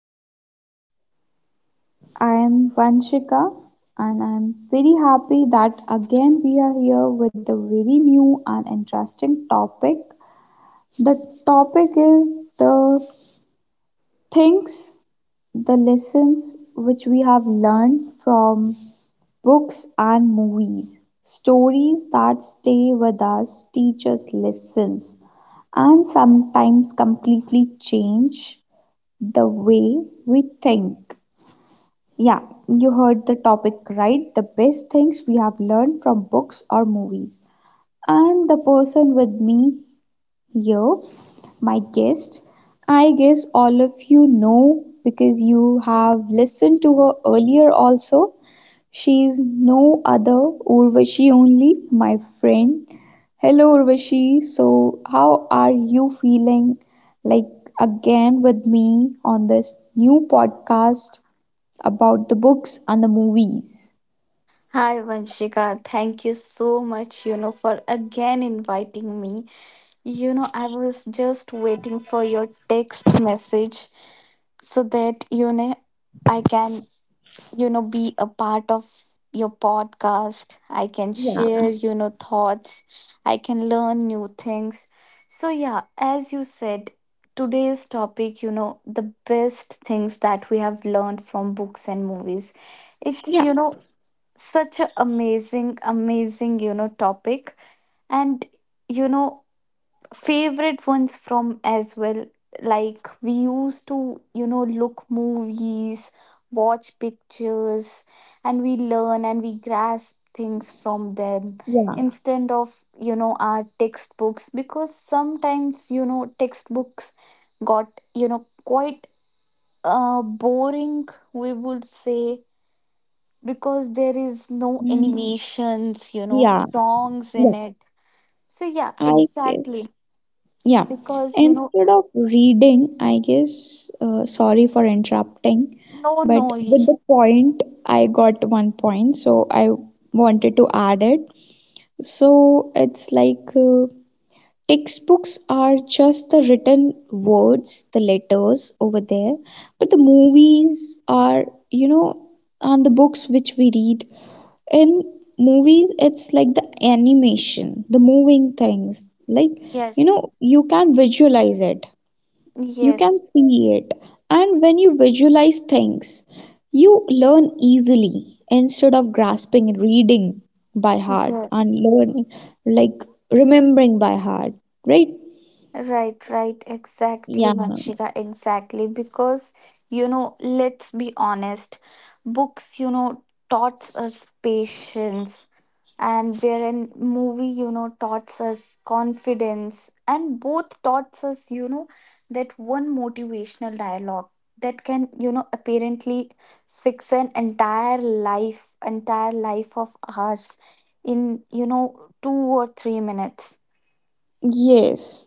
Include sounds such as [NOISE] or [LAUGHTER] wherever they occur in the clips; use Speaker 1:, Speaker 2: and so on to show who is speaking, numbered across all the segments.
Speaker 1: First, I am Vanshika and I am very happy that again we are here with a very new and interesting topic. The topic is the things, the lessons which we have learned from books and movies. Stories that stay with us teach us lessons and sometimes completely change the way we think. Yeah, you heard the topic right. The best things we have learned from books or movies. And the person with me here, my guest, I guess all of you know because you have listened to her earlier also. She is no other, Urvashi only, my friend. Hello, Urvashi. So, how are you feeling like again with me on this new podcast about the books and the movies?
Speaker 2: Hi Vanshika, thank you so much, for again inviting me. I was just waiting for your text message so that, I can, be a part of your podcast. I can
Speaker 1: Yeah.
Speaker 2: share, thoughts. I can learn new things. So, yeah, as you said, today's topic, the best things that we have learned from books and movies. It's,
Speaker 1: Yeah,
Speaker 2: such a amazing topic, and you know favorite ones from as well, like we used to look movies, watch pictures, and we learn and we grasp things from them
Speaker 1: yeah.
Speaker 2: instead of our textbooks, because sometimes textbooks got quite boring, we would say, because there is no
Speaker 1: mm,
Speaker 2: animations,
Speaker 1: yeah,
Speaker 2: songs
Speaker 1: yeah.
Speaker 2: in it. So yeah,
Speaker 1: I guess.
Speaker 2: exactly.
Speaker 1: Yeah.
Speaker 2: Because
Speaker 1: Instead of reading, I guess, sorry for interrupting,
Speaker 2: no
Speaker 1: but with
Speaker 2: noise.
Speaker 1: the point, I got one point, so I wanted to add it. So it's like textbooks are just the written words, the letters over there, but the movies are, you know, and the books which we read in movies, it's like the animation, the moving things, like you
Speaker 2: Yes,
Speaker 1: know, you can visualize it, you can
Speaker 2: yes,
Speaker 1: see it. And when you visualize things, you learn easily instead of grasping and reading by heart and
Speaker 2: yes.
Speaker 1: learning, like remembering by heart, right?
Speaker 2: Right, right,
Speaker 1: Yeah.
Speaker 2: exactly, Vanshika, exactly. Because, let's be honest, books, taught us patience, and wherein movie, taught us confidence, and both taught us, that one motivational dialogue that can, apparently fix an entire life of ours in, 2 or 3 minutes.
Speaker 1: Yes,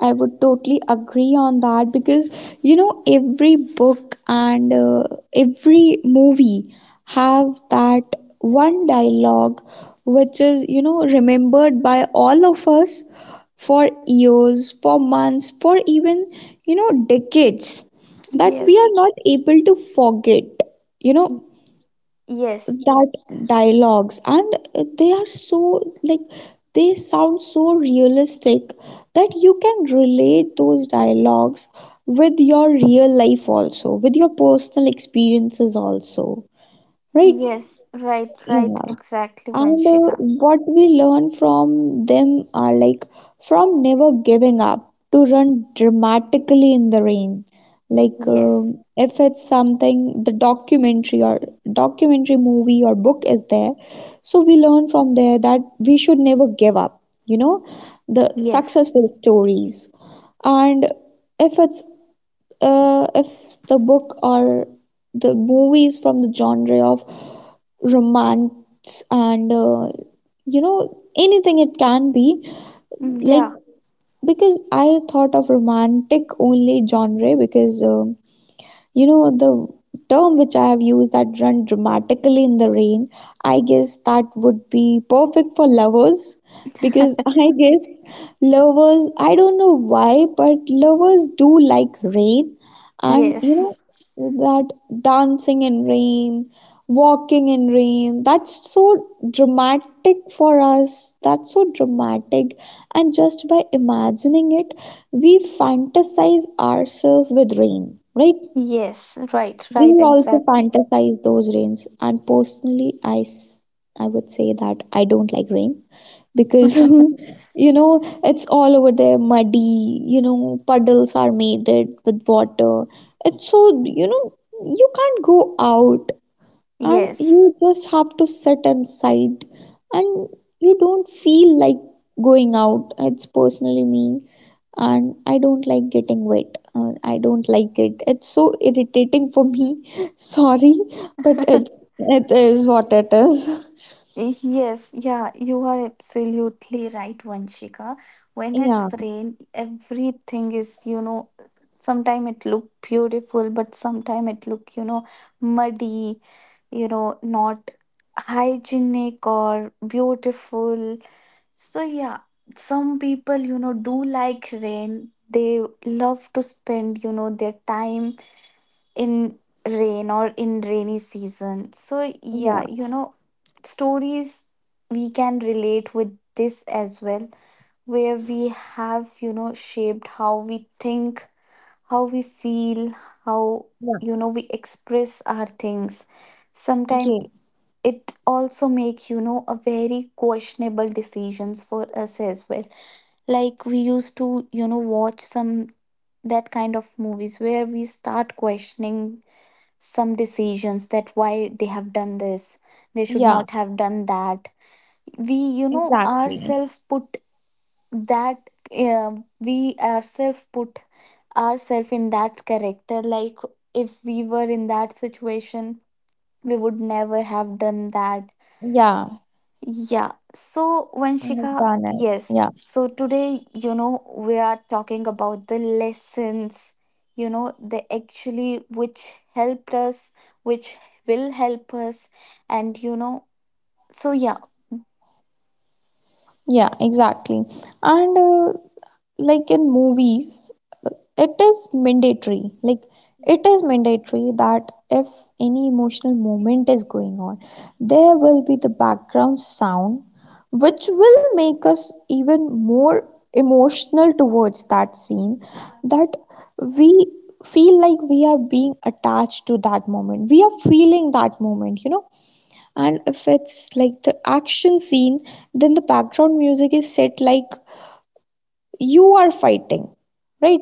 Speaker 1: I would totally agree on that because you know every book and every movie have that one dialogue which is, you know, remembered by all of us for years, for months, for even, you know, decades that we are
Speaker 2: Yes.
Speaker 1: not able to forget. You know,
Speaker 2: Yes,
Speaker 1: that dialogues, and they are so like, they sound so realistic that you can relate those dialogues with your real life also, with your personal experiences also, right?
Speaker 2: yes, right, right,
Speaker 1: Yeah.
Speaker 2: exactly,
Speaker 1: And
Speaker 2: Vanshika.
Speaker 1: what we learn from them are like from never giving up to run dramatically in the rain. Like
Speaker 2: Yes,
Speaker 1: if it's something, the documentary or documentary movie or book is there, so we learn from there that we should never give up. You know, the
Speaker 2: yes,
Speaker 1: successful stories. And if it's if the book or the movie is from the genre of romance and you know, anything it can be,
Speaker 2: mm,
Speaker 1: like
Speaker 2: yeah,
Speaker 1: because I thought of romantic only genre, because you know, the term which I have used, that run dramatically in the rain, I guess that would be perfect for lovers because [LAUGHS] I guess lovers, I don't know why, but lovers do like rain. And you know,
Speaker 2: yes,
Speaker 1: that dancing in rain, walking in rain, that's so dramatic for us. That's so dramatic. And just by imagining it, we fantasize ourselves with rain, right?
Speaker 2: yes, right,
Speaker 1: We
Speaker 2: right,
Speaker 1: also
Speaker 2: exactly.
Speaker 1: fantasize those rains, and personally, I would say that I don't like rain because [LAUGHS] you know it's all over there muddy. You know, puddles are made it with water. It's so, you know, you can't go out, and
Speaker 2: Yes,
Speaker 1: you just have to sit inside, and you don't feel like going out. It's personally me, and I don't like getting wet. I don't like it. It's so irritating for me. [LAUGHS] Sorry, but
Speaker 2: [LAUGHS]
Speaker 1: it's, it is what it is. [LAUGHS]
Speaker 2: yes, yeah, you are absolutely right, Vanshika. When
Speaker 1: Yeah.
Speaker 2: it's rain, everything is, sometime it look beautiful, but sometime it look, muddy, not hygienic or beautiful. So yeah, some people, do like rain. They love to spend, their time in rain or in rainy season. So yeah,
Speaker 1: Yeah.
Speaker 2: stories we can relate with this as well, where we have, shaped how we think, how we feel, how,
Speaker 1: Yeah.
Speaker 2: we express our things. Sometimes
Speaker 1: Yes.
Speaker 2: it also make a very questionable decisions for us as well, like we used to watch some that kind of movies where we start questioning some decisions that why they have done this, they should
Speaker 1: Yeah,
Speaker 2: not have done that, we
Speaker 1: exactly.
Speaker 2: ourselves put that uh, we ourselves put ourselves in that character, like if we were in that situation we would never have done that.
Speaker 1: Yeah,
Speaker 2: Yeah. So,
Speaker 1: I have
Speaker 2: Vanshika,
Speaker 1: done it.
Speaker 2: yes.
Speaker 1: Yeah.
Speaker 2: So, today, we are talking about the lessons, they actually which helped us, which will help us. And, so yeah.
Speaker 1: Yeah, exactly. And like in movies, it is mandatory like it is mandatory that if any emotional moment is going on, there will be the background sound which will make us even more emotional towards that scene, that we feel like we are being attached to that moment, we are feeling that moment, you know. And if it's like the action scene, then the background music is set like you are fighting, right?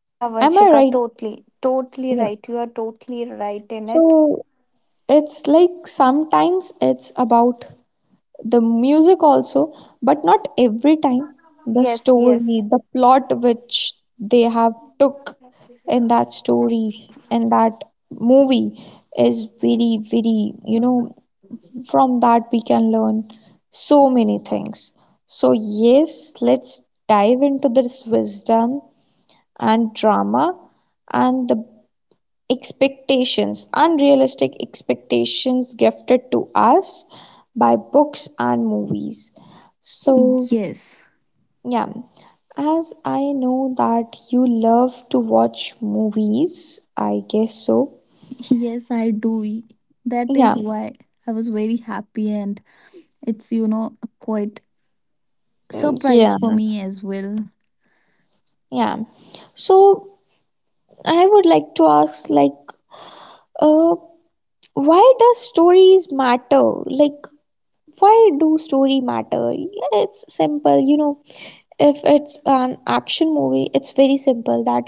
Speaker 2: Yeah,
Speaker 1: Am I
Speaker 2: Vanshika,
Speaker 1: right?
Speaker 2: totally, totally
Speaker 1: Yeah.
Speaker 2: right. You are totally right in
Speaker 1: So
Speaker 2: it.
Speaker 1: it's like sometimes it's about the music also, but not every time. The
Speaker 2: Yes,
Speaker 1: story,
Speaker 2: yes.
Speaker 1: the plot which they have took in that story, in that movie is very very, you know, from that we can learn so many things. So yes, let's dive into this wisdom and drama and the expectations, unrealistic expectations gifted to us by books and movies. So,
Speaker 2: Yes,
Speaker 1: yeah, as I know that you love to watch movies, I guess so.
Speaker 2: yes, I do. That
Speaker 1: Yeah.
Speaker 2: is why I was very happy, and it's quite
Speaker 1: Yeah,
Speaker 2: surprise for me as well.
Speaker 1: yeah. So, I would like to ask, like, uh, why does stories matter? Like, why do story matter? Yeah, it's simple. You know, if it's an action movie, it's very simple that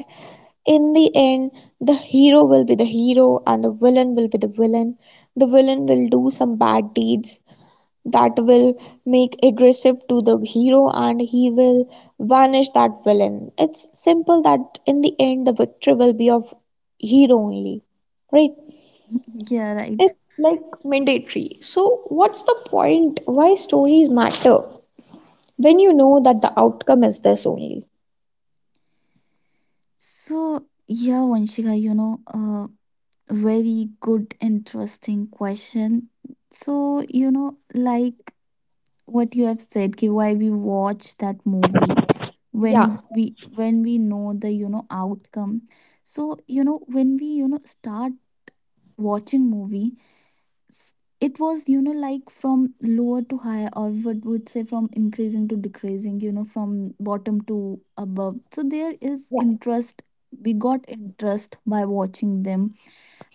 Speaker 1: in the end the hero will be the hero and the villain will be the villain. The villain will do some bad deeds that will make aggressive to the hero, and he will vanish that villain. It's simple that in the end the victory will be of hero only, right?
Speaker 2: Yeah, right.
Speaker 1: It's like mandatory, so what's the point? Why stories matter when you know that the outcome is this only?
Speaker 2: So, yeah, Vanshika, you know, very good, interesting question. So, like what you have said, ki why we watch that movie when
Speaker 1: Yeah.
Speaker 2: we know the outcome. So, when we start watching movie, it was like from lower to higher, or what would say, from increasing to decreasing, from bottom to above, so there is interest. We got interest by watching them,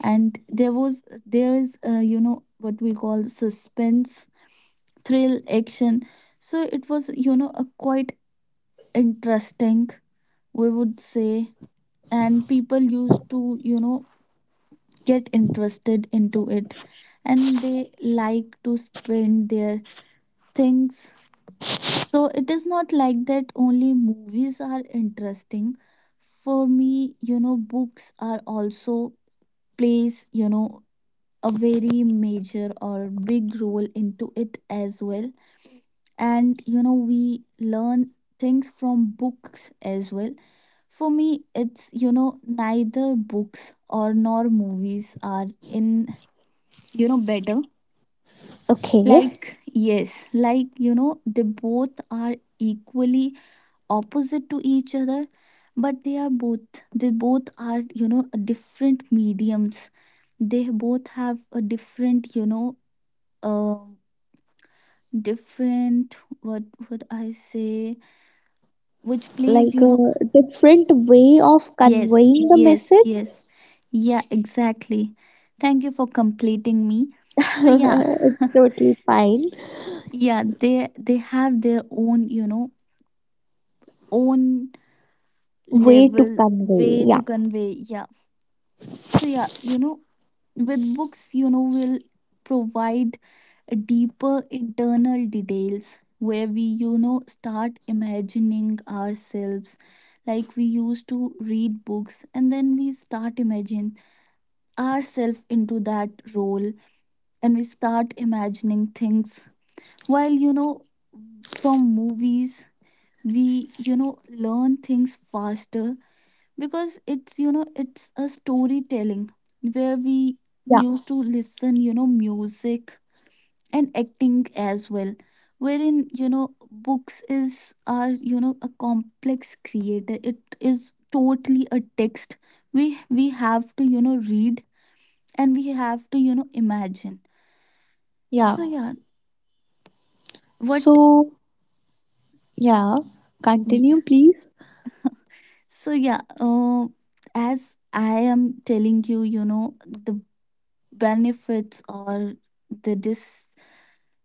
Speaker 2: and there is what we call suspense, thrill, action, so it was a quite interesting, we would say, and people used to get interested into it, and they like to spend their things. So it is not like that only movies are interesting. For me, books are also plays, a very major or big role into it as well. And we learn things from books as well. For me, it's neither books or nor movies are in better.
Speaker 1: Okay,
Speaker 2: Like yes, like they both are equally opposite to each other, but they both are different mediums. They both have a different um different, what would I say, which plays
Speaker 1: like a different way of
Speaker 2: yes,
Speaker 1: conveying the
Speaker 2: yes, yes,
Speaker 1: message.
Speaker 2: yeah, exactly, thank you for completing me. So yeah,
Speaker 1: [LAUGHS] It's totally fine.
Speaker 2: yeah, they have their own own
Speaker 1: Way to
Speaker 2: level,
Speaker 1: convey.
Speaker 2: way
Speaker 1: Yeah.
Speaker 2: to convey, yeah. So yeah, with books, will provide a deeper internal details where we start imagining ourselves, like we used to read books and then we start imagine ourselves into that role, and we start imagining things while from movies we learn things faster because it's you know it's a storytelling, where we
Speaker 1: Yeah,
Speaker 2: used to listen music and acting as well, wherein books is are a complex creator, it is totally a text, we have to read, and we have to imagine.
Speaker 1: yeah.
Speaker 2: So yeah, what,
Speaker 1: So, yeah,
Speaker 2: y-
Speaker 1: continue, please.
Speaker 2: so yeah, as I am telling you you know the benefits or the dis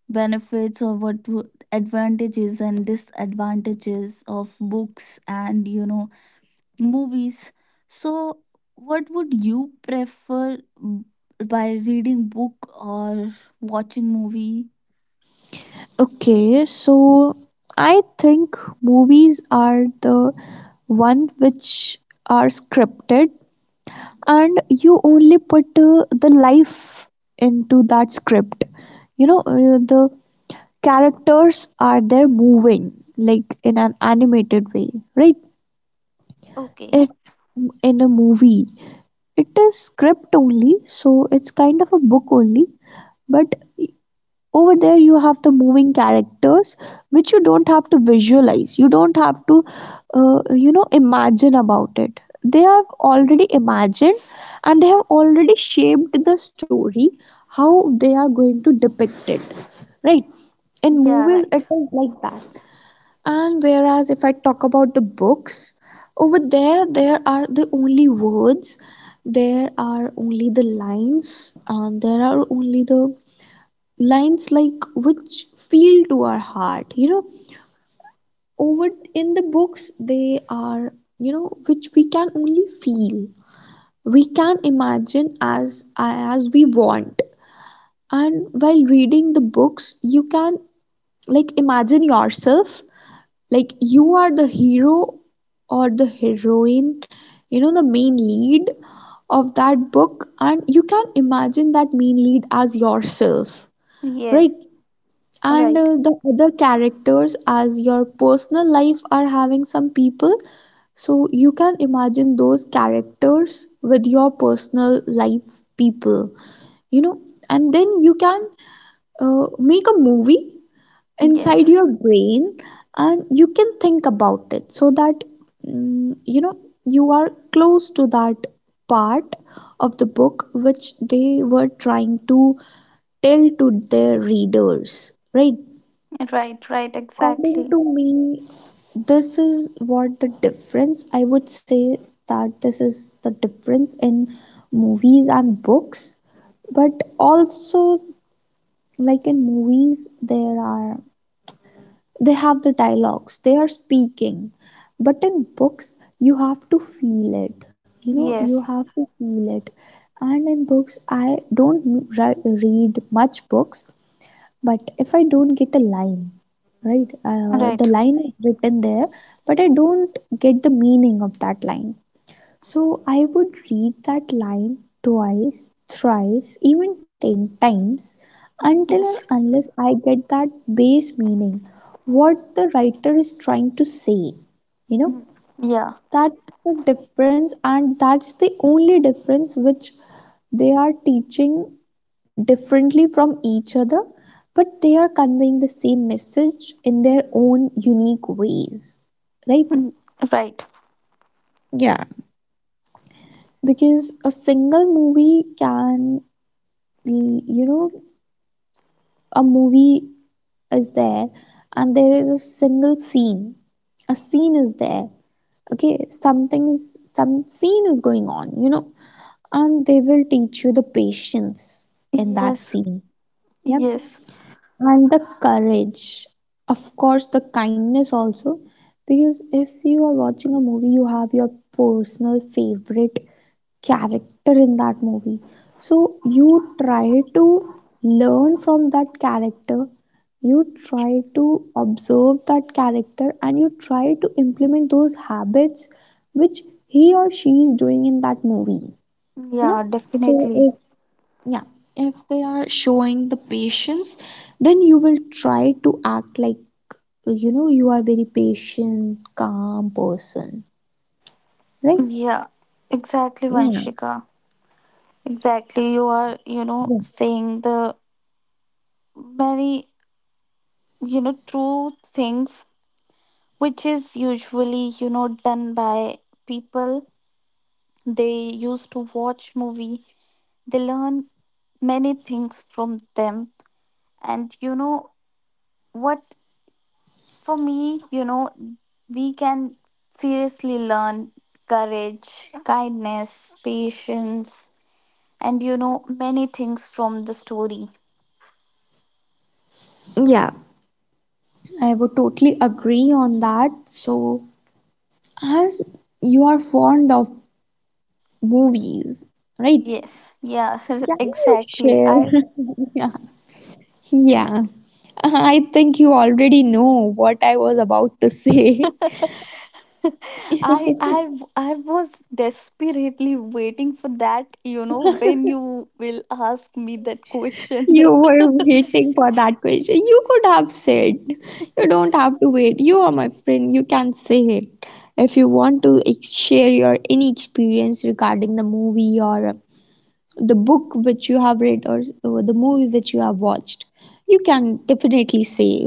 Speaker 2: benefits or what w- advantages and disadvantages of books and movies, so what would you prefer, by reading book or watching movie?
Speaker 1: Okay, so I think movies are the one which are scripted, and you only put the life into that script. You know, the characters are there moving like in an animated way, right?
Speaker 2: Okay.
Speaker 1: it In a movie, it is script only, so it's kind of a book only, but over there you have the moving characters which you don't have to visualize. You don't have to you know, imagine about it. They have already imagined, and they have already shaped the story how they are going to depict it, right? In
Speaker 2: Yeah,
Speaker 1: movies, it
Speaker 2: right.
Speaker 1: is like that. And whereas if I talk about the books, over there, there are the only words, there are only the lines, and there are only the lines like which feel to our heart. You know, over in the books, they are, you know, which we can only feel. We can imagine as we want. And while reading the books, you can like imagine yourself like you are the hero or the heroine, you know, the main lead of that book, and you can imagine that main lead as yourself, right?
Speaker 2: Yes.
Speaker 1: And
Speaker 2: Right.
Speaker 1: the other characters as your personal life are having some people, so you can imagine those characters with your personal life people, you know. And then you can make a movie inside
Speaker 2: Yes.
Speaker 1: your brain, and you can think about it so that you know, you are close to that part of the book which they were trying to tell to their readers, right?
Speaker 2: Right, right,
Speaker 1: According
Speaker 2: exactly.
Speaker 1: to me, this is what the difference I would say, that this is the difference in movies and books. But also, like in movies, there are, they have the dialogues they are speaking, but in books you
Speaker 2: Yes.
Speaker 1: have to feel it. And in books, I don't read much books, but if I don't get a line, right, the
Speaker 2: Right.
Speaker 1: line is written there, but I don't get the meaning of that line. So I would read that line twice, thrice, even 10 times until and
Speaker 2: Yes.
Speaker 1: unless I get that base meaning, what the writer is trying to say. You know,
Speaker 2: Mm. Yeah,
Speaker 1: that's the difference, and that's the only difference which they are teaching differently from each other, but they are conveying the same message in their own unique ways, right?
Speaker 2: right.
Speaker 1: Yeah. Because a single movie can, the you know, a movie is there and there is a single scene, a scene is there, okay, something is, some scene is going on, you know, and they will teach you the patience in that
Speaker 2: Yes.
Speaker 1: scene. Yeah.
Speaker 2: Yes.
Speaker 1: And the courage, of course, the kindness also. Because if you are watching a movie, you have your personal favorite character in that movie, so you try to learn from that character. You try to observe that character, and you try to implement those habits which he or she is doing in that movie, you know.
Speaker 2: Yeah,
Speaker 1: So
Speaker 2: definitely.
Speaker 1: if, yeah, if they are showing the patience, then you will try to act like, you know, you are very patient calm person, right?
Speaker 2: Yeah, exactly,
Speaker 1: Yeah.
Speaker 2: Vanshika. Exactly. You are,
Speaker 1: Yeah.
Speaker 2: saying the very, true things, which is usually, done by people. They used to watch movie. They learn many things from them. And what? For me, we can seriously learn courage, kindness, patience, and many things from the story.
Speaker 1: Yeah, I would totally agree on that. So as you are fond of movies, right,
Speaker 2: Yes, yeah,
Speaker 1: can
Speaker 2: [LAUGHS]
Speaker 1: you
Speaker 2: exactly.
Speaker 1: share?
Speaker 2: I
Speaker 1: [LAUGHS] Yeah. Yeah, I think you already know what I was about to say. [LAUGHS]
Speaker 2: [LAUGHS] I was desperately waiting for that, when you will ask me that question.
Speaker 1: You were
Speaker 2: [LAUGHS]
Speaker 1: waiting for that question. You could have said, you don't have to wait. You are my friend. You can say it. If you want to share your any experience regarding the movie or the book which you have read or the movie which you have watched, you can definitely say.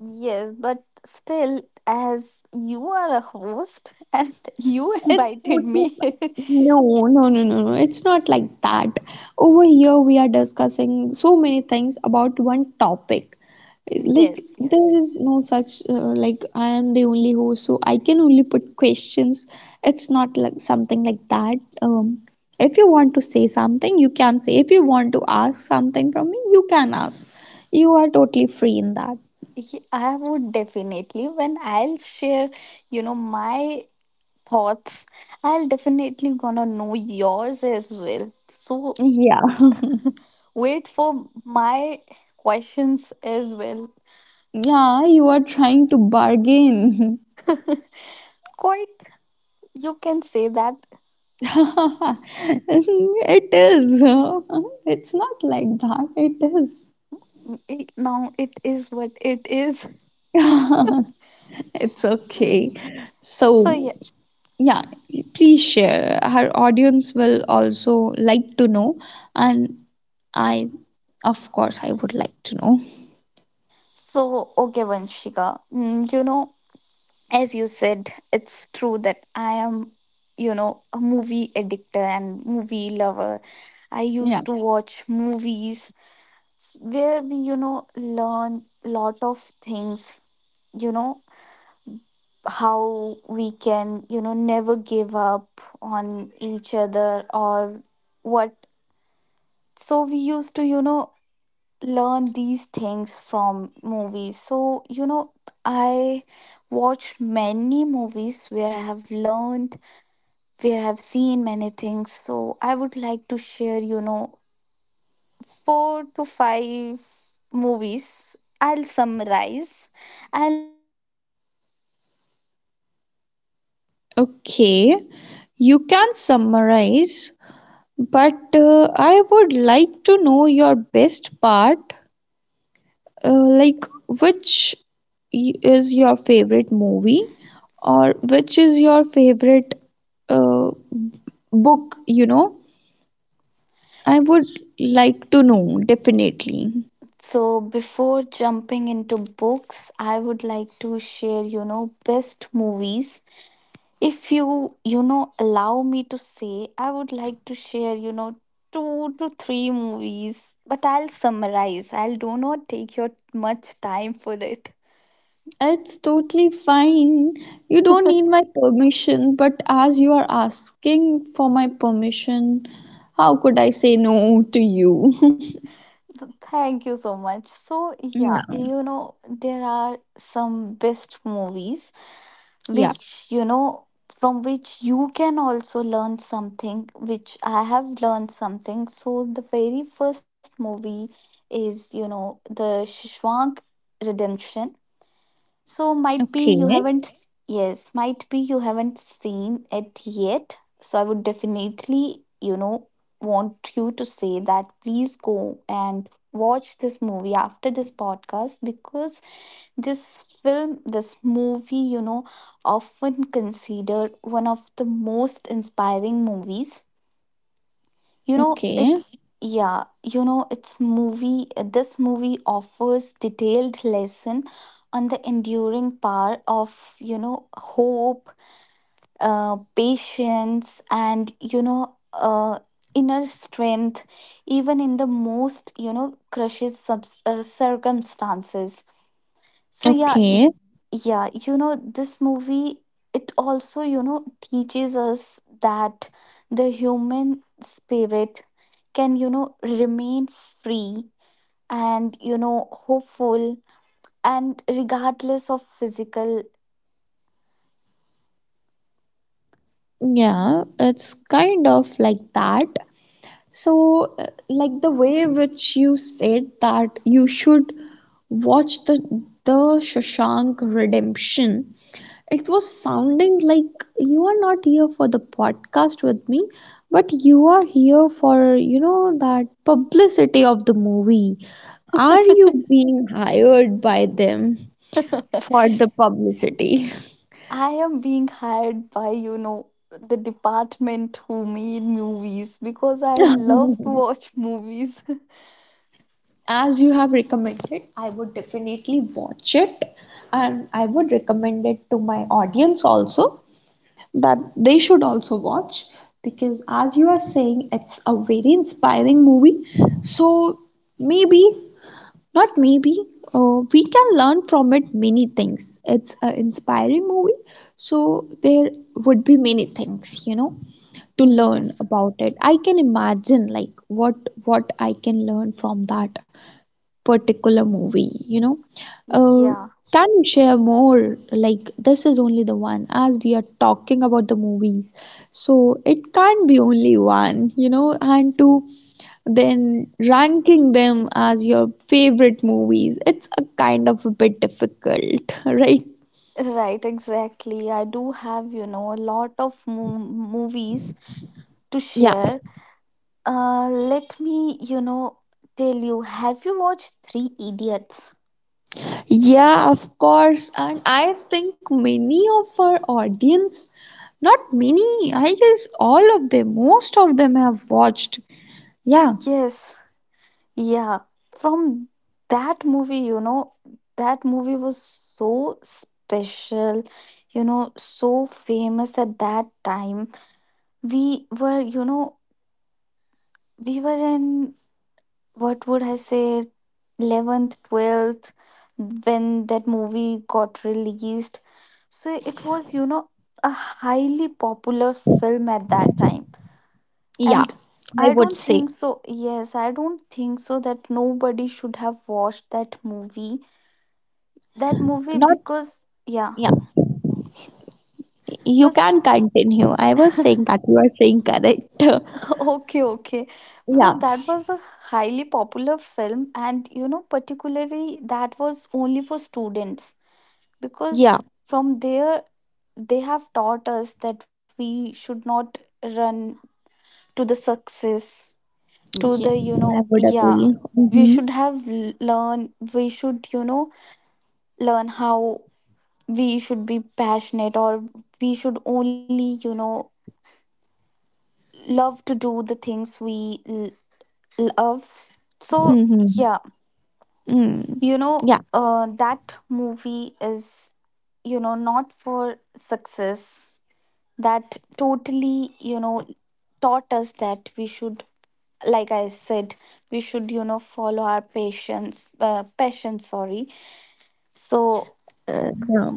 Speaker 2: Yes, but still, as you are a host and [LAUGHS] you
Speaker 1: It's
Speaker 2: invited
Speaker 1: not
Speaker 2: me.
Speaker 1: like
Speaker 2: [LAUGHS]
Speaker 1: no, no. It's not like that. Over here, we are discussing so many things about one topic. Like,
Speaker 2: Yes,
Speaker 1: there
Speaker 2: yes.
Speaker 1: is no such like, I am the only host, so I can only put questions. It's not like something like that. If you want to say something, you can say. If you want to ask something from me, you can ask. You are totally free in that.
Speaker 2: I would definitely, when I'll share, my thoughts, I'll definitely gonna know yours as well. So,
Speaker 1: Yeah. [LAUGHS]
Speaker 2: wait for my questions as well.
Speaker 1: Yeah, you are trying to bargain. [LAUGHS]
Speaker 2: Quite, you can say that,
Speaker 1: [LAUGHS] It is. It's not like that. It is.
Speaker 2: it, now it is what it is.
Speaker 1: [LAUGHS] It's okay. So,
Speaker 2: So, yeah.
Speaker 1: yeah, please share. Our audience will also like to know, and I, of course, I would like to know.
Speaker 2: So, okay, Vanshika, as you said, it's true that I am, a movie addictor and movie lover. I
Speaker 1: Yeah,
Speaker 2: used to watch movies, where we, learn lot of things, you know, how we can never give up on each other or what, so we used to learn these things from movies, so I watched many movies where I have learned, where I have seen many things, so I would like to share four to five movies, I'll summarize, I'll not exceed your time, so
Speaker 1: okay. You can
Speaker 2: if you allow
Speaker 1: summarize,
Speaker 2: me,
Speaker 1: but I would like to know your best part.
Speaker 2: if you allow me
Speaker 1: Like,
Speaker 2: to,
Speaker 1: which
Speaker 2: I'll
Speaker 1: is your
Speaker 2: definitely gonna
Speaker 1: favorite
Speaker 2: share.
Speaker 1: movie, or which is your favorite uh, book, you know? I would like to know, definitely.
Speaker 2: So before jumping into books, I would like to share, best movies. If you, allow me to say, I would like to share, two to three movies, but I'll summarize. I'll do not take your much time for it.
Speaker 1: It's totally fine. You don't need my permission, but as you are asking for my permission, how could I say no to you? [LAUGHS]
Speaker 2: Thank you so much. So, yeah,
Speaker 1: Yeah.
Speaker 2: there are some best movies
Speaker 1: Yeah.
Speaker 2: which from which you can also learn something, which I have learned something, so the very first movie is the Shwank Redemption, so might
Speaker 1: Okay.
Speaker 2: be you haven't. Yes, might be you haven't seen it yet, so I would definitely want you to say that please go and watch this movie after this podcast, because this film, this movie, often considered one of the most inspiring movies.
Speaker 1: Okay.
Speaker 2: It's, yeah, this movie offers detailed lesson on the enduring power of, hope, patience, and, inner strength, even in the most, circumstances. So yeah,
Speaker 1: Okay.
Speaker 2: yeah, this movie, it also, teaches us that the human spirit can, remain free and, hopeful, and regardless of physical.
Speaker 1: Yeah, it's kind of like that. So, like the way which you said that you should watch the Shawshank Redemption, it was sounding like you are not here for the podcast with me, but you are here for, you know, that publicity of the movie. Are you being hired by them
Speaker 2: [LAUGHS]
Speaker 1: for the publicity?
Speaker 2: I am being hired by, the department who made movies because I love to
Speaker 1: [LAUGHS]
Speaker 2: watch movies. [LAUGHS]
Speaker 1: As you have recommended, I would definitely watch it, and I would recommend it to my audience also, that they should also watch, because, as you are saying, it's a very inspiring movie. So, maybe, not maybe, we can learn from it many things. It's an inspiring movie, so there would be many things, you know, to learn
Speaker 2: Yes.
Speaker 1: about it. I can imagine like what I can learn from that particular movie, you know. Uh,
Speaker 2: Yeah.
Speaker 1: can you share more? Like, this is only the one, as we are talking about the movies. So, it can't be only one, you know, and to then ranking them as your favorite movies, it's a kind of a bit difficult, [LAUGHS] right?
Speaker 2: Right, exactly. I do have, a lot of movies to
Speaker 1: Yeah,
Speaker 2: share. Let me, tell you, have you watched Three Idiots?
Speaker 1: yeah, of course. And I think many of our audience, not many, I guess all of them, most of them have watched. Yeah.
Speaker 2: Yes, yeah. From that movie, that movie was so special, so famous at that time. We were, you know, we were in, what would I say, 11th, 12th, when that movie got released. So it was, a highly popular film at that time.
Speaker 1: Yeah,
Speaker 2: And
Speaker 1: I
Speaker 2: I
Speaker 1: would
Speaker 2: don't
Speaker 1: say
Speaker 2: think so, yes, I don't think so that nobody should have watched that movie. That movie,
Speaker 1: not.
Speaker 2: because, yeah,
Speaker 1: Yeah, you
Speaker 2: because,
Speaker 1: can continue. I was saying that you are saying correct. [LAUGHS]
Speaker 2: [LAUGHS] okay, okay, because
Speaker 1: Yeah,
Speaker 2: that was a highly popular film, and, particularly that was only for students because
Speaker 1: yeah,
Speaker 2: from there they have taught us that we should not run to the success to
Speaker 1: yeah.
Speaker 2: the you
Speaker 1: I
Speaker 2: know
Speaker 1: would
Speaker 2: yeah
Speaker 1: agree.
Speaker 2: we
Speaker 1: Mm-hmm.
Speaker 2: should have learn we should learn how we should be passionate or we should only love to do the things we love so
Speaker 1: Mm-hmm.
Speaker 2: yeah
Speaker 1: Mm. Yeah.
Speaker 2: that movie is not for success that totally taught us that we should, like I said, we should follow our patience passion, sorry. So
Speaker 1: Yeah.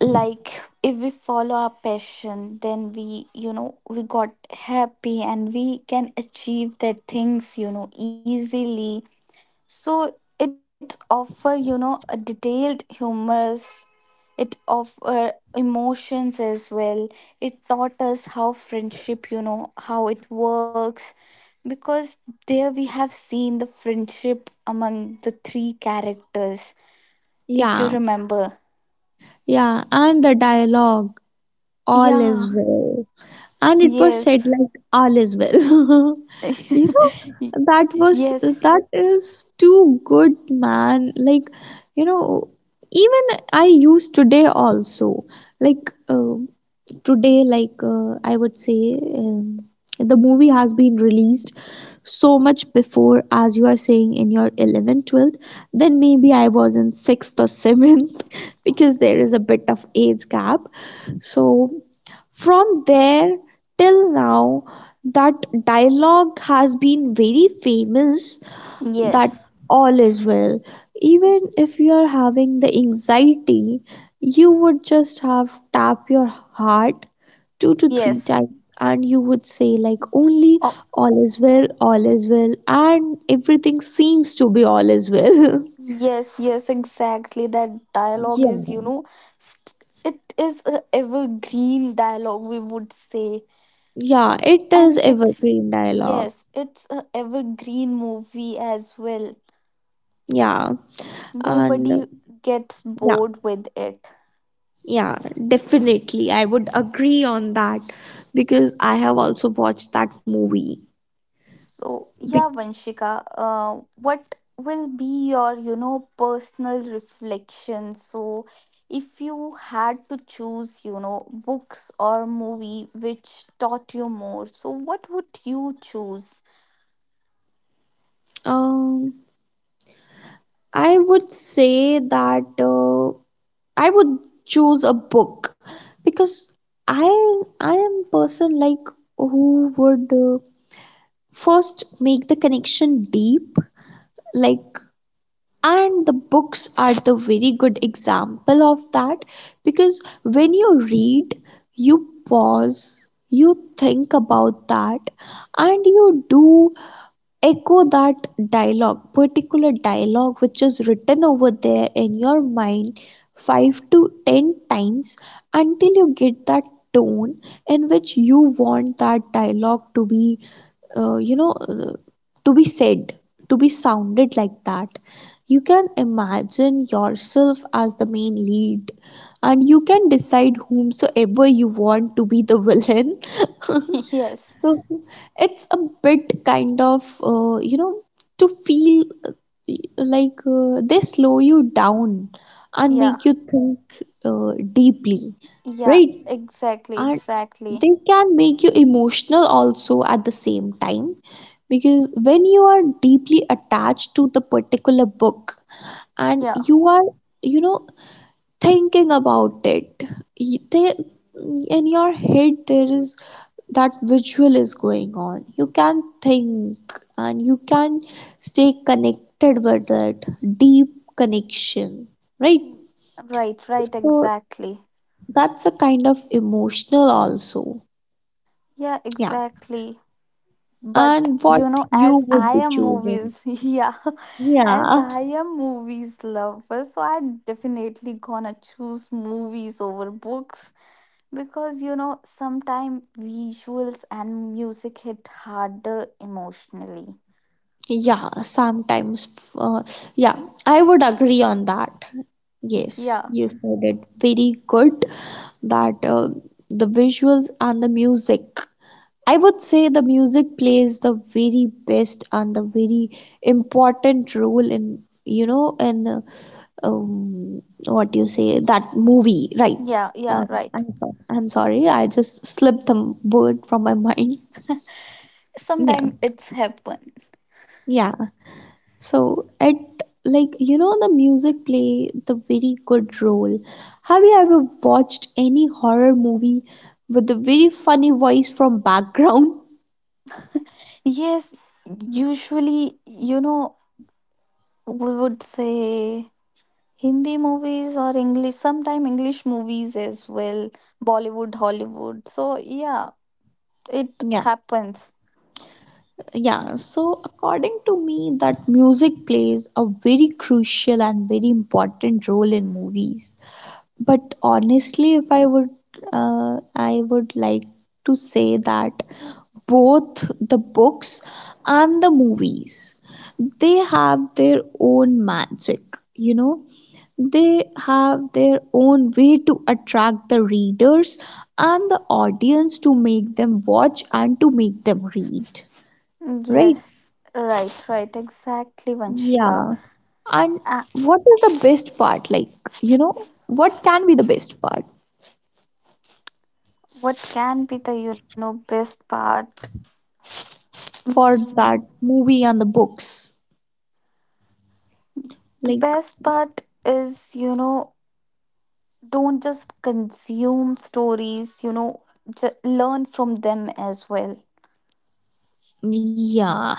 Speaker 2: like if we follow our passion then we we got happy and we can achieve the things easily. So it offer, a detailed humorous, it offer emotions as well. It taught us how friendship, how it works because there we have seen the friendship among the three characters, if you
Speaker 1: Yeah.
Speaker 2: remember.
Speaker 1: Yeah. And the dialogue, all
Speaker 2: Yeah.
Speaker 1: is well. And it was said
Speaker 2: yes
Speaker 1: like all is well. [LAUGHS] You know,
Speaker 2: [LAUGHS] yes
Speaker 1: that was,
Speaker 2: yes
Speaker 1: that is too good, man. Like, you know, even I use today also. Like, today, like, I would say, the movie has been released so much before, as you are saying, in your 11th, 12th, then maybe I was in 6th or 7th. [LAUGHS] Because there is a bit of age gap, so from there till now, that dialogue has been very famous, that
Speaker 2: yes
Speaker 1: all is well. Even if you are having the anxiety, you would just have tap your heart two to three
Speaker 2: yes
Speaker 1: times and you would say like only all is well, all is well, and everything seems to be all is well.
Speaker 2: Yes, yes, exactly. That
Speaker 1: [LAUGHS]
Speaker 2: dialogue is,
Speaker 1: Yeah.
Speaker 2: you know, st- it is a evergreen dialogue, we would say.
Speaker 1: Yeah, it is
Speaker 2: And it's,
Speaker 1: evergreen dialogue.
Speaker 2: yes, it's a evergreen movie as well.
Speaker 1: Yeah. And
Speaker 2: Nobody gets
Speaker 1: yeah,
Speaker 2: bored with it.
Speaker 1: yeah, definitely, I would agree on that, because I have also watched that movie.
Speaker 2: So,
Speaker 1: Be-
Speaker 2: yeah, Vanshika, what will be your, you know, personal reflection? So, if you had to choose, you know, books or movie which taught you more, so what would you choose?
Speaker 1: um I would say that, I would choose a book, because I am person like who would, first make the connection deep. Like, and the books are the very good example of that, because when you read, you pause, you think about that, and you do echo that dialogue, particular dialogue which is written over there in your mind 5 to 10 times until you get that tone in which you want that dialogue to be, you know, to be said, to be sounded like that. You can imagine yourself as the main lead, and you can decide whomsoever you want to be the villain. [LAUGHS]
Speaker 2: [LAUGHS] Yes,
Speaker 1: So, it's a bit kind of, you know, to feel like they slow you down and
Speaker 2: yeah,
Speaker 1: make you think deeply,
Speaker 2: yeah,
Speaker 1: right?
Speaker 2: exactly,
Speaker 1: And
Speaker 2: exactly.
Speaker 1: they can make you emotional also at the same time, because when you are deeply attached to the particular book, and
Speaker 2: Yeah,
Speaker 1: you are, you know, thinking about it, they, in your head there is that visual is going on. You can think and you can stay connected with it, deep connection, right?
Speaker 2: mm, right, right,
Speaker 1: So
Speaker 2: exactly.
Speaker 1: that's a kind of emotional also.
Speaker 2: Yeah,
Speaker 1: Yeah.
Speaker 2: exactly. But
Speaker 1: And what you
Speaker 2: as
Speaker 1: would
Speaker 2: I
Speaker 1: be
Speaker 2: am
Speaker 1: choosing?
Speaker 2: movies [LAUGHS] yeah, as I
Speaker 1: Yeah.
Speaker 2: am movies lover, so I definitely gonna choose movies over books because, sometimes visuals and music hit harder emotionally.
Speaker 1: Yeah, sometimes. Uh, yeah, I would agree on that. Yes,
Speaker 2: Yeah,
Speaker 1: you said it very good, that the visuals and the music. I would say the music plays the very best and the very important role in, you know, in, um, what do you say, that movie, right?
Speaker 2: yeah,
Speaker 1: Uh,
Speaker 2: yeah, right.
Speaker 1: I'm sorry. I'm sorry. I just slipped the word from my [LAUGHS] mind. Yeah,
Speaker 2: Sometimes it's happen.
Speaker 1: yeah. So at, like, you know, the music play the very good role. Have you ever watched any horror movie with the very funny voice from background?
Speaker 2: Yes, usually, we would say Hindi movies or English, sometime English movies as well, Bollywood, Hollywood. So, yeah, it happens.
Speaker 1: Yeah, so according to me, that music plays a very crucial and very important role in movies. But honestly, if I would, I would like to say that both the books and the movies, they have their own magic, you know. They have their own way to attract the readers and the audience, to make them watch and to make them read, right?
Speaker 2: Yes, right, right, exactly, Vanshika.
Speaker 1: Yeah. And
Speaker 2: Uh,
Speaker 1: what is the best part? Like, you know, what can be the best part
Speaker 2: what can be the, you know, best part?
Speaker 1: for that
Speaker 2: Mm,
Speaker 1: movie and the books?
Speaker 2: the
Speaker 1: Like,
Speaker 2: best part is, you know, don't just consume stories, learn from them as well.
Speaker 1: yeah,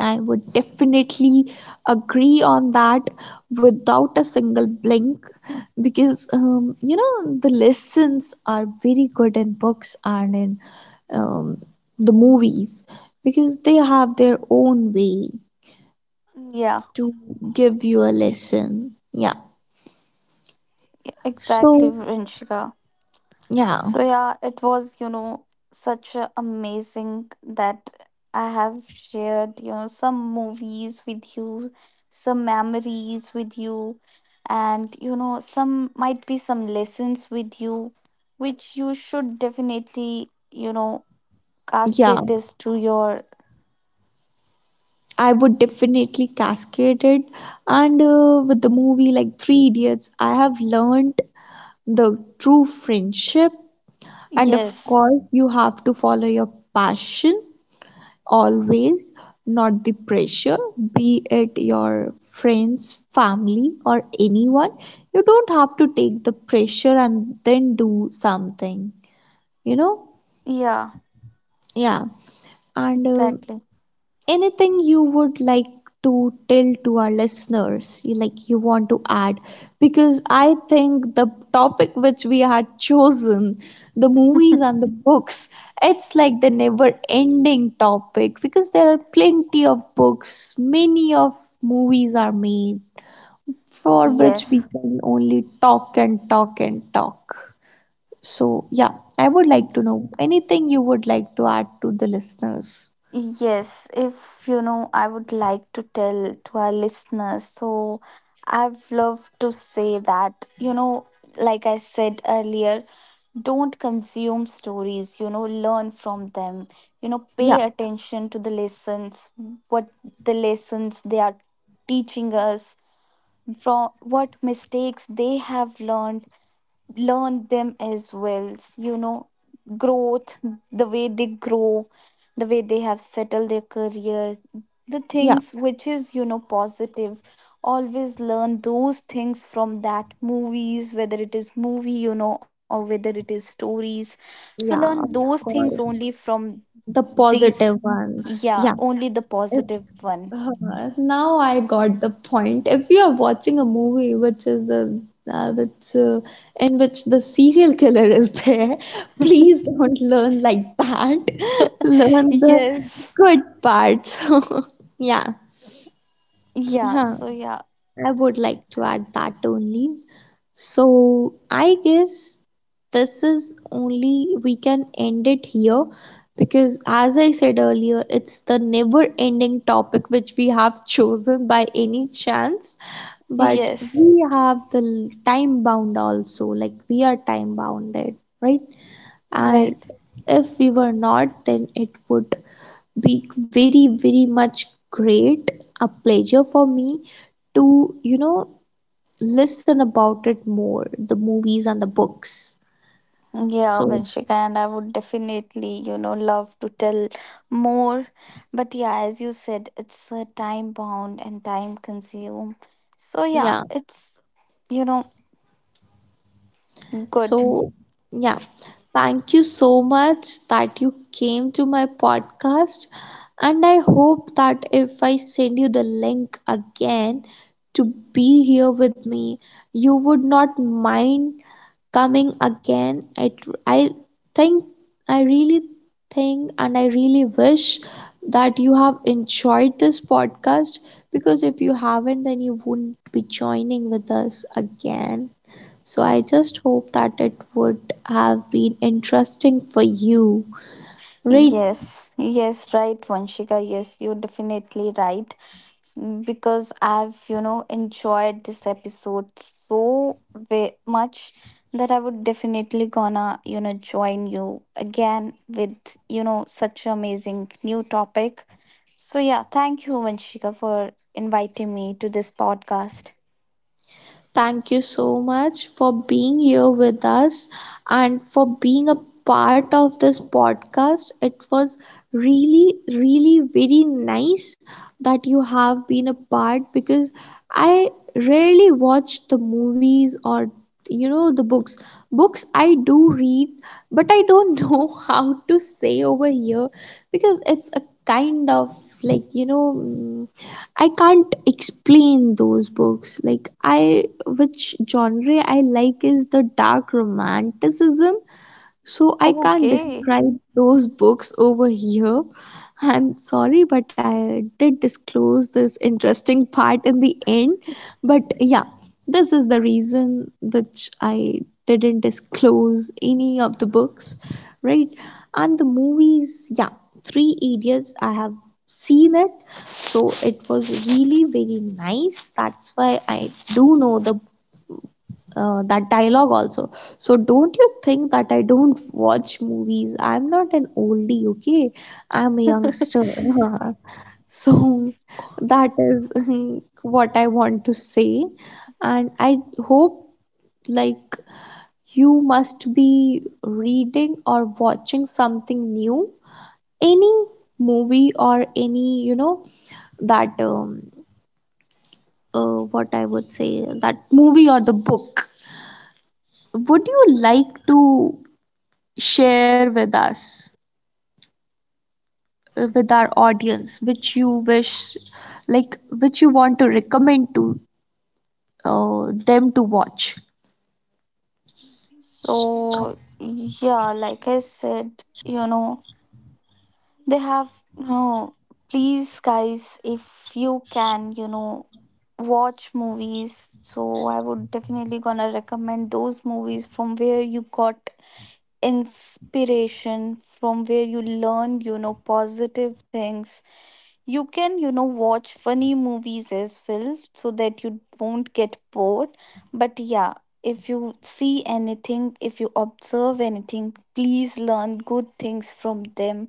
Speaker 1: I would definitely agree on that without a single blink, because, you know, the lessons are very good in books and in, um, the movies, because they have their own way
Speaker 2: Yeah,
Speaker 1: to give you a lesson. Yeah.
Speaker 2: exactly,
Speaker 1: So,
Speaker 2: Vanshika.
Speaker 1: yeah,
Speaker 2: So yeah, it was, you know, such a amazing that I have shared, you know, some movies with you, some memories with you, and you know, some might be some lessons with you, which you should definitely,
Speaker 1: yeah,
Speaker 2: cascade this to your.
Speaker 1: I would definitely cascade it. And with the movie like Three Idiots, I have learned the true friendship. And of
Speaker 2: Yes.
Speaker 1: course, you have to follow your passion always, not the pressure, be it your friends, family, or anyone. You don't have to take the pressure and then do something, you know?
Speaker 2: Yeah,
Speaker 1: Yeah. And
Speaker 2: exactly.
Speaker 1: anything you would like to tell to our listeners, like you want to add, because I think the topic which we had chosen, the movies and the books, it's like the never ending topic, because there are plenty of books, many of movies are made, for which we
Speaker 2: Yes.
Speaker 1: can only talk and talk and talk. So yeah, I would like to know, anything you would like to add to the listeners.
Speaker 2: Yes, if you know, I would like to tell to our listeners. So, I've loved to say that, you know, like I said earlier, don't consume stories, you know, learn from them, you know, pay attention to the lessons, what the lessons they are teaching us, from what mistakes they have learned, learn them as well, growth, the way they grow, the way they have settled their career, the
Speaker 1: Yeah, yeah.
Speaker 2: things which is, positive. Always learn those things from that movies, whether it is movie, or whether it is stories. So learn
Speaker 1: Yeah, of
Speaker 2: those things
Speaker 1: course.
Speaker 2: only from
Speaker 1: The
Speaker 2: these.
Speaker 1: positive ones.
Speaker 2: Yeah,
Speaker 1: Yeah.
Speaker 2: only the
Speaker 1: If
Speaker 2: positive one.
Speaker 1: now I got the point. If you are watching a movie which is the, which in which the serial killer is there, [LAUGHS] please don't learn like that. [LAUGHS] Learn
Speaker 2: [LAUGHS]
Speaker 1: the
Speaker 2: Yes.
Speaker 1: good parts. [LAUGHS] Yeah.
Speaker 2: Yeah,
Speaker 1: Huh.
Speaker 2: so yeah.
Speaker 1: I would like to add that only. So I guess this is only we can end it here, because as I said earlier, it's the never ending topic which we have chosen by any chance. But
Speaker 2: Yes,
Speaker 1: we have the time bound also, like we are time bounded, right? And
Speaker 2: right.
Speaker 1: if we were not, then it would be very, very much great, a pleasure for me to, you know, listen about it more, the movies and the books.
Speaker 2: Yeah,
Speaker 1: So
Speaker 2: Vanshika, and I would definitely, you know, love to tell more. But yeah, as you said, it's time bound and time consume. So yeah,
Speaker 1: yeah.
Speaker 2: you know, good.
Speaker 1: So yeah, thank you so much that you came to my podcast, and I hope that if I send you the link again to be here with me, you would not mind coming again. It, I think, I really think and I really wish that you have enjoyed this podcast, because if you haven't, then you wouldn't be joining with us again. So I just hope that it would have been interesting for you. Rate.
Speaker 2: Yes, yes, right, Vanshika. Yes, you're definitely right. S- Because I've, you know, enjoyed this episode so much that I would definitely gonna, you know, join you again with, you know, such amazing new topic. So yeah, thank you, Vanshika, for inviting me to this podcast.
Speaker 1: Thank you so much for being here with us and for being a part of this podcast. It was really, really very nice that you have been a part, because I rarely watch the movies or, you know, the books. Books I do read, but I don't [LAUGHS] know how to say over here, because it's a kind of, like, you know, I can't explain those books. Like, I which genre I like is the dark romanticism, so I can't
Speaker 2: Okay.
Speaker 1: describe those books over here. I'm sorry, but I did disclose this interesting part in the end. But yeah, this is the reason which I didn't disclose any of the books, right? And the movies, yeah, Three Idiots, I have seen it, so it was really very nice. That's why I do know the, that dialogue also. So don't you think that I don't watch movies. I'm not an oldie, okay. I'm a youngster. [LAUGHS] So that is [LAUGHS] what I want to say. And I hope, like, you must be reading or watching something new, any movie or any, you know, that what I would say, that movie or the book, would you like to share with us, with our audience, which you wish, like which you want to recommend to, them to watch.
Speaker 2: So yeah, like I said, you know, they have no. Please, guys, if you can, you know, watch movies. So I would definitely gonna recommend those movies from where you got inspiration, from where you learn, you know, positive things. You can, you know, watch funny movies as well, so that you won't get bored. But yeah, if you see anything, if you observe anything, please learn good things from them,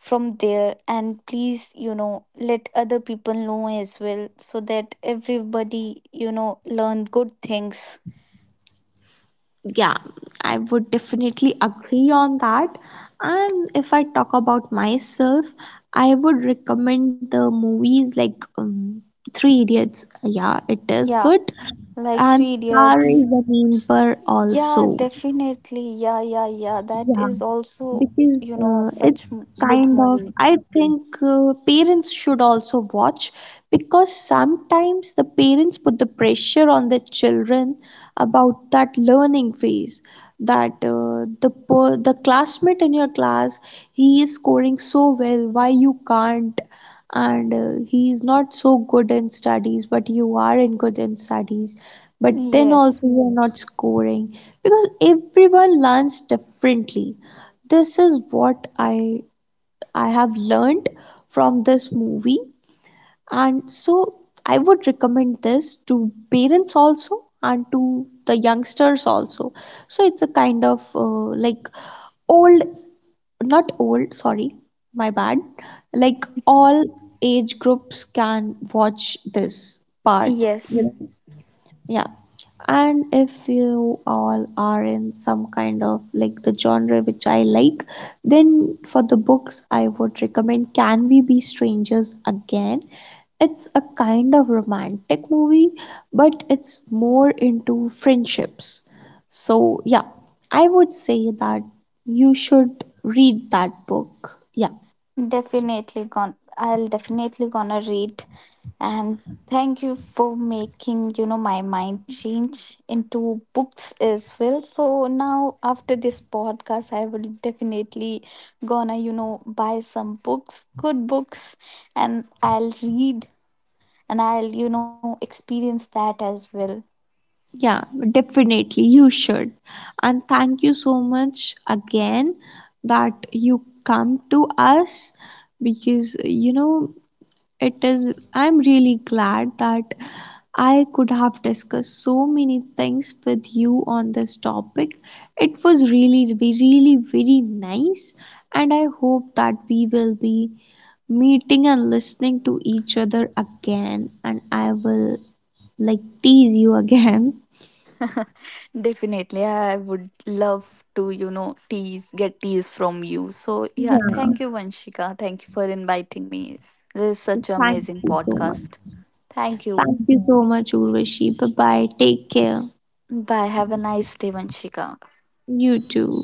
Speaker 2: from there, and please, let other people know as well, so that everybody, learn good things.
Speaker 1: Yeah, I would definitely agree on that. And if I talk about myself, I would recommend the movies like, Three Idiots, yeah, it is
Speaker 2: Yeah,
Speaker 1: good.
Speaker 2: like
Speaker 1: And
Speaker 2: Three
Speaker 1: Tar
Speaker 2: Idiots.
Speaker 1: is the name per
Speaker 2: Yeah,
Speaker 1: also.
Speaker 2: definitely, yeah, yeah, yeah, that
Speaker 1: Yeah,
Speaker 2: is also,
Speaker 1: because
Speaker 2: you know,
Speaker 1: it's
Speaker 2: such good
Speaker 1: kind of,
Speaker 2: movie.
Speaker 1: I think, parents should also watch, because sometimes the parents put the pressure on the children about that learning phase, that the the classmate in your class, he is scoring so well, why you can't. And he is not so good in studies, but you are in good in studies, but then
Speaker 2: Yes,
Speaker 1: also you are not scoring, because everyone learns differently. This is what I have learned from this movie. And so I would recommend this to parents also, and to the youngsters also. So it's a kind of, like, old not old sorry my bad, like, all age groups can watch this part, you
Speaker 2: yes.
Speaker 1: know. Yeah. And if you all are in some kind of like the genre which I like, then for the books, I would recommend Can We Be Strangers Again? It's a kind of romantic movie, but it's more into friendships. So, yeah, I would say that you should read that book. Yeah.
Speaker 2: Definitely gone. I'll definitely gonna read. And thank you for making, my mind change into books as well. So now after this podcast, I will definitely gonna, buy some books, good books, and I'll read and I'll, experience that as well.
Speaker 1: Yeah, definitely. You should. And thank you so much again that you come to us, because, you know, it is, I'm really glad that I could have discussed so many things with you on this topic. It was really, really very nice. And I hope that we will be meeting and listening to each other again. And I will like tease you [LAUGHS] again.
Speaker 2: Definitely, I would love to, you know, tease, get teased from you. So, yeah,
Speaker 1: Yeah,
Speaker 2: thank you, Vanshika. Thank you for inviting me. This is such an
Speaker 1: thank
Speaker 2: amazing
Speaker 1: you so much.
Speaker 2: podcast. Thank you.
Speaker 1: Thank you so much, Urvashi. Bye bye. Take care.
Speaker 2: Bye. Have a nice day, Vanshika.
Speaker 1: You too.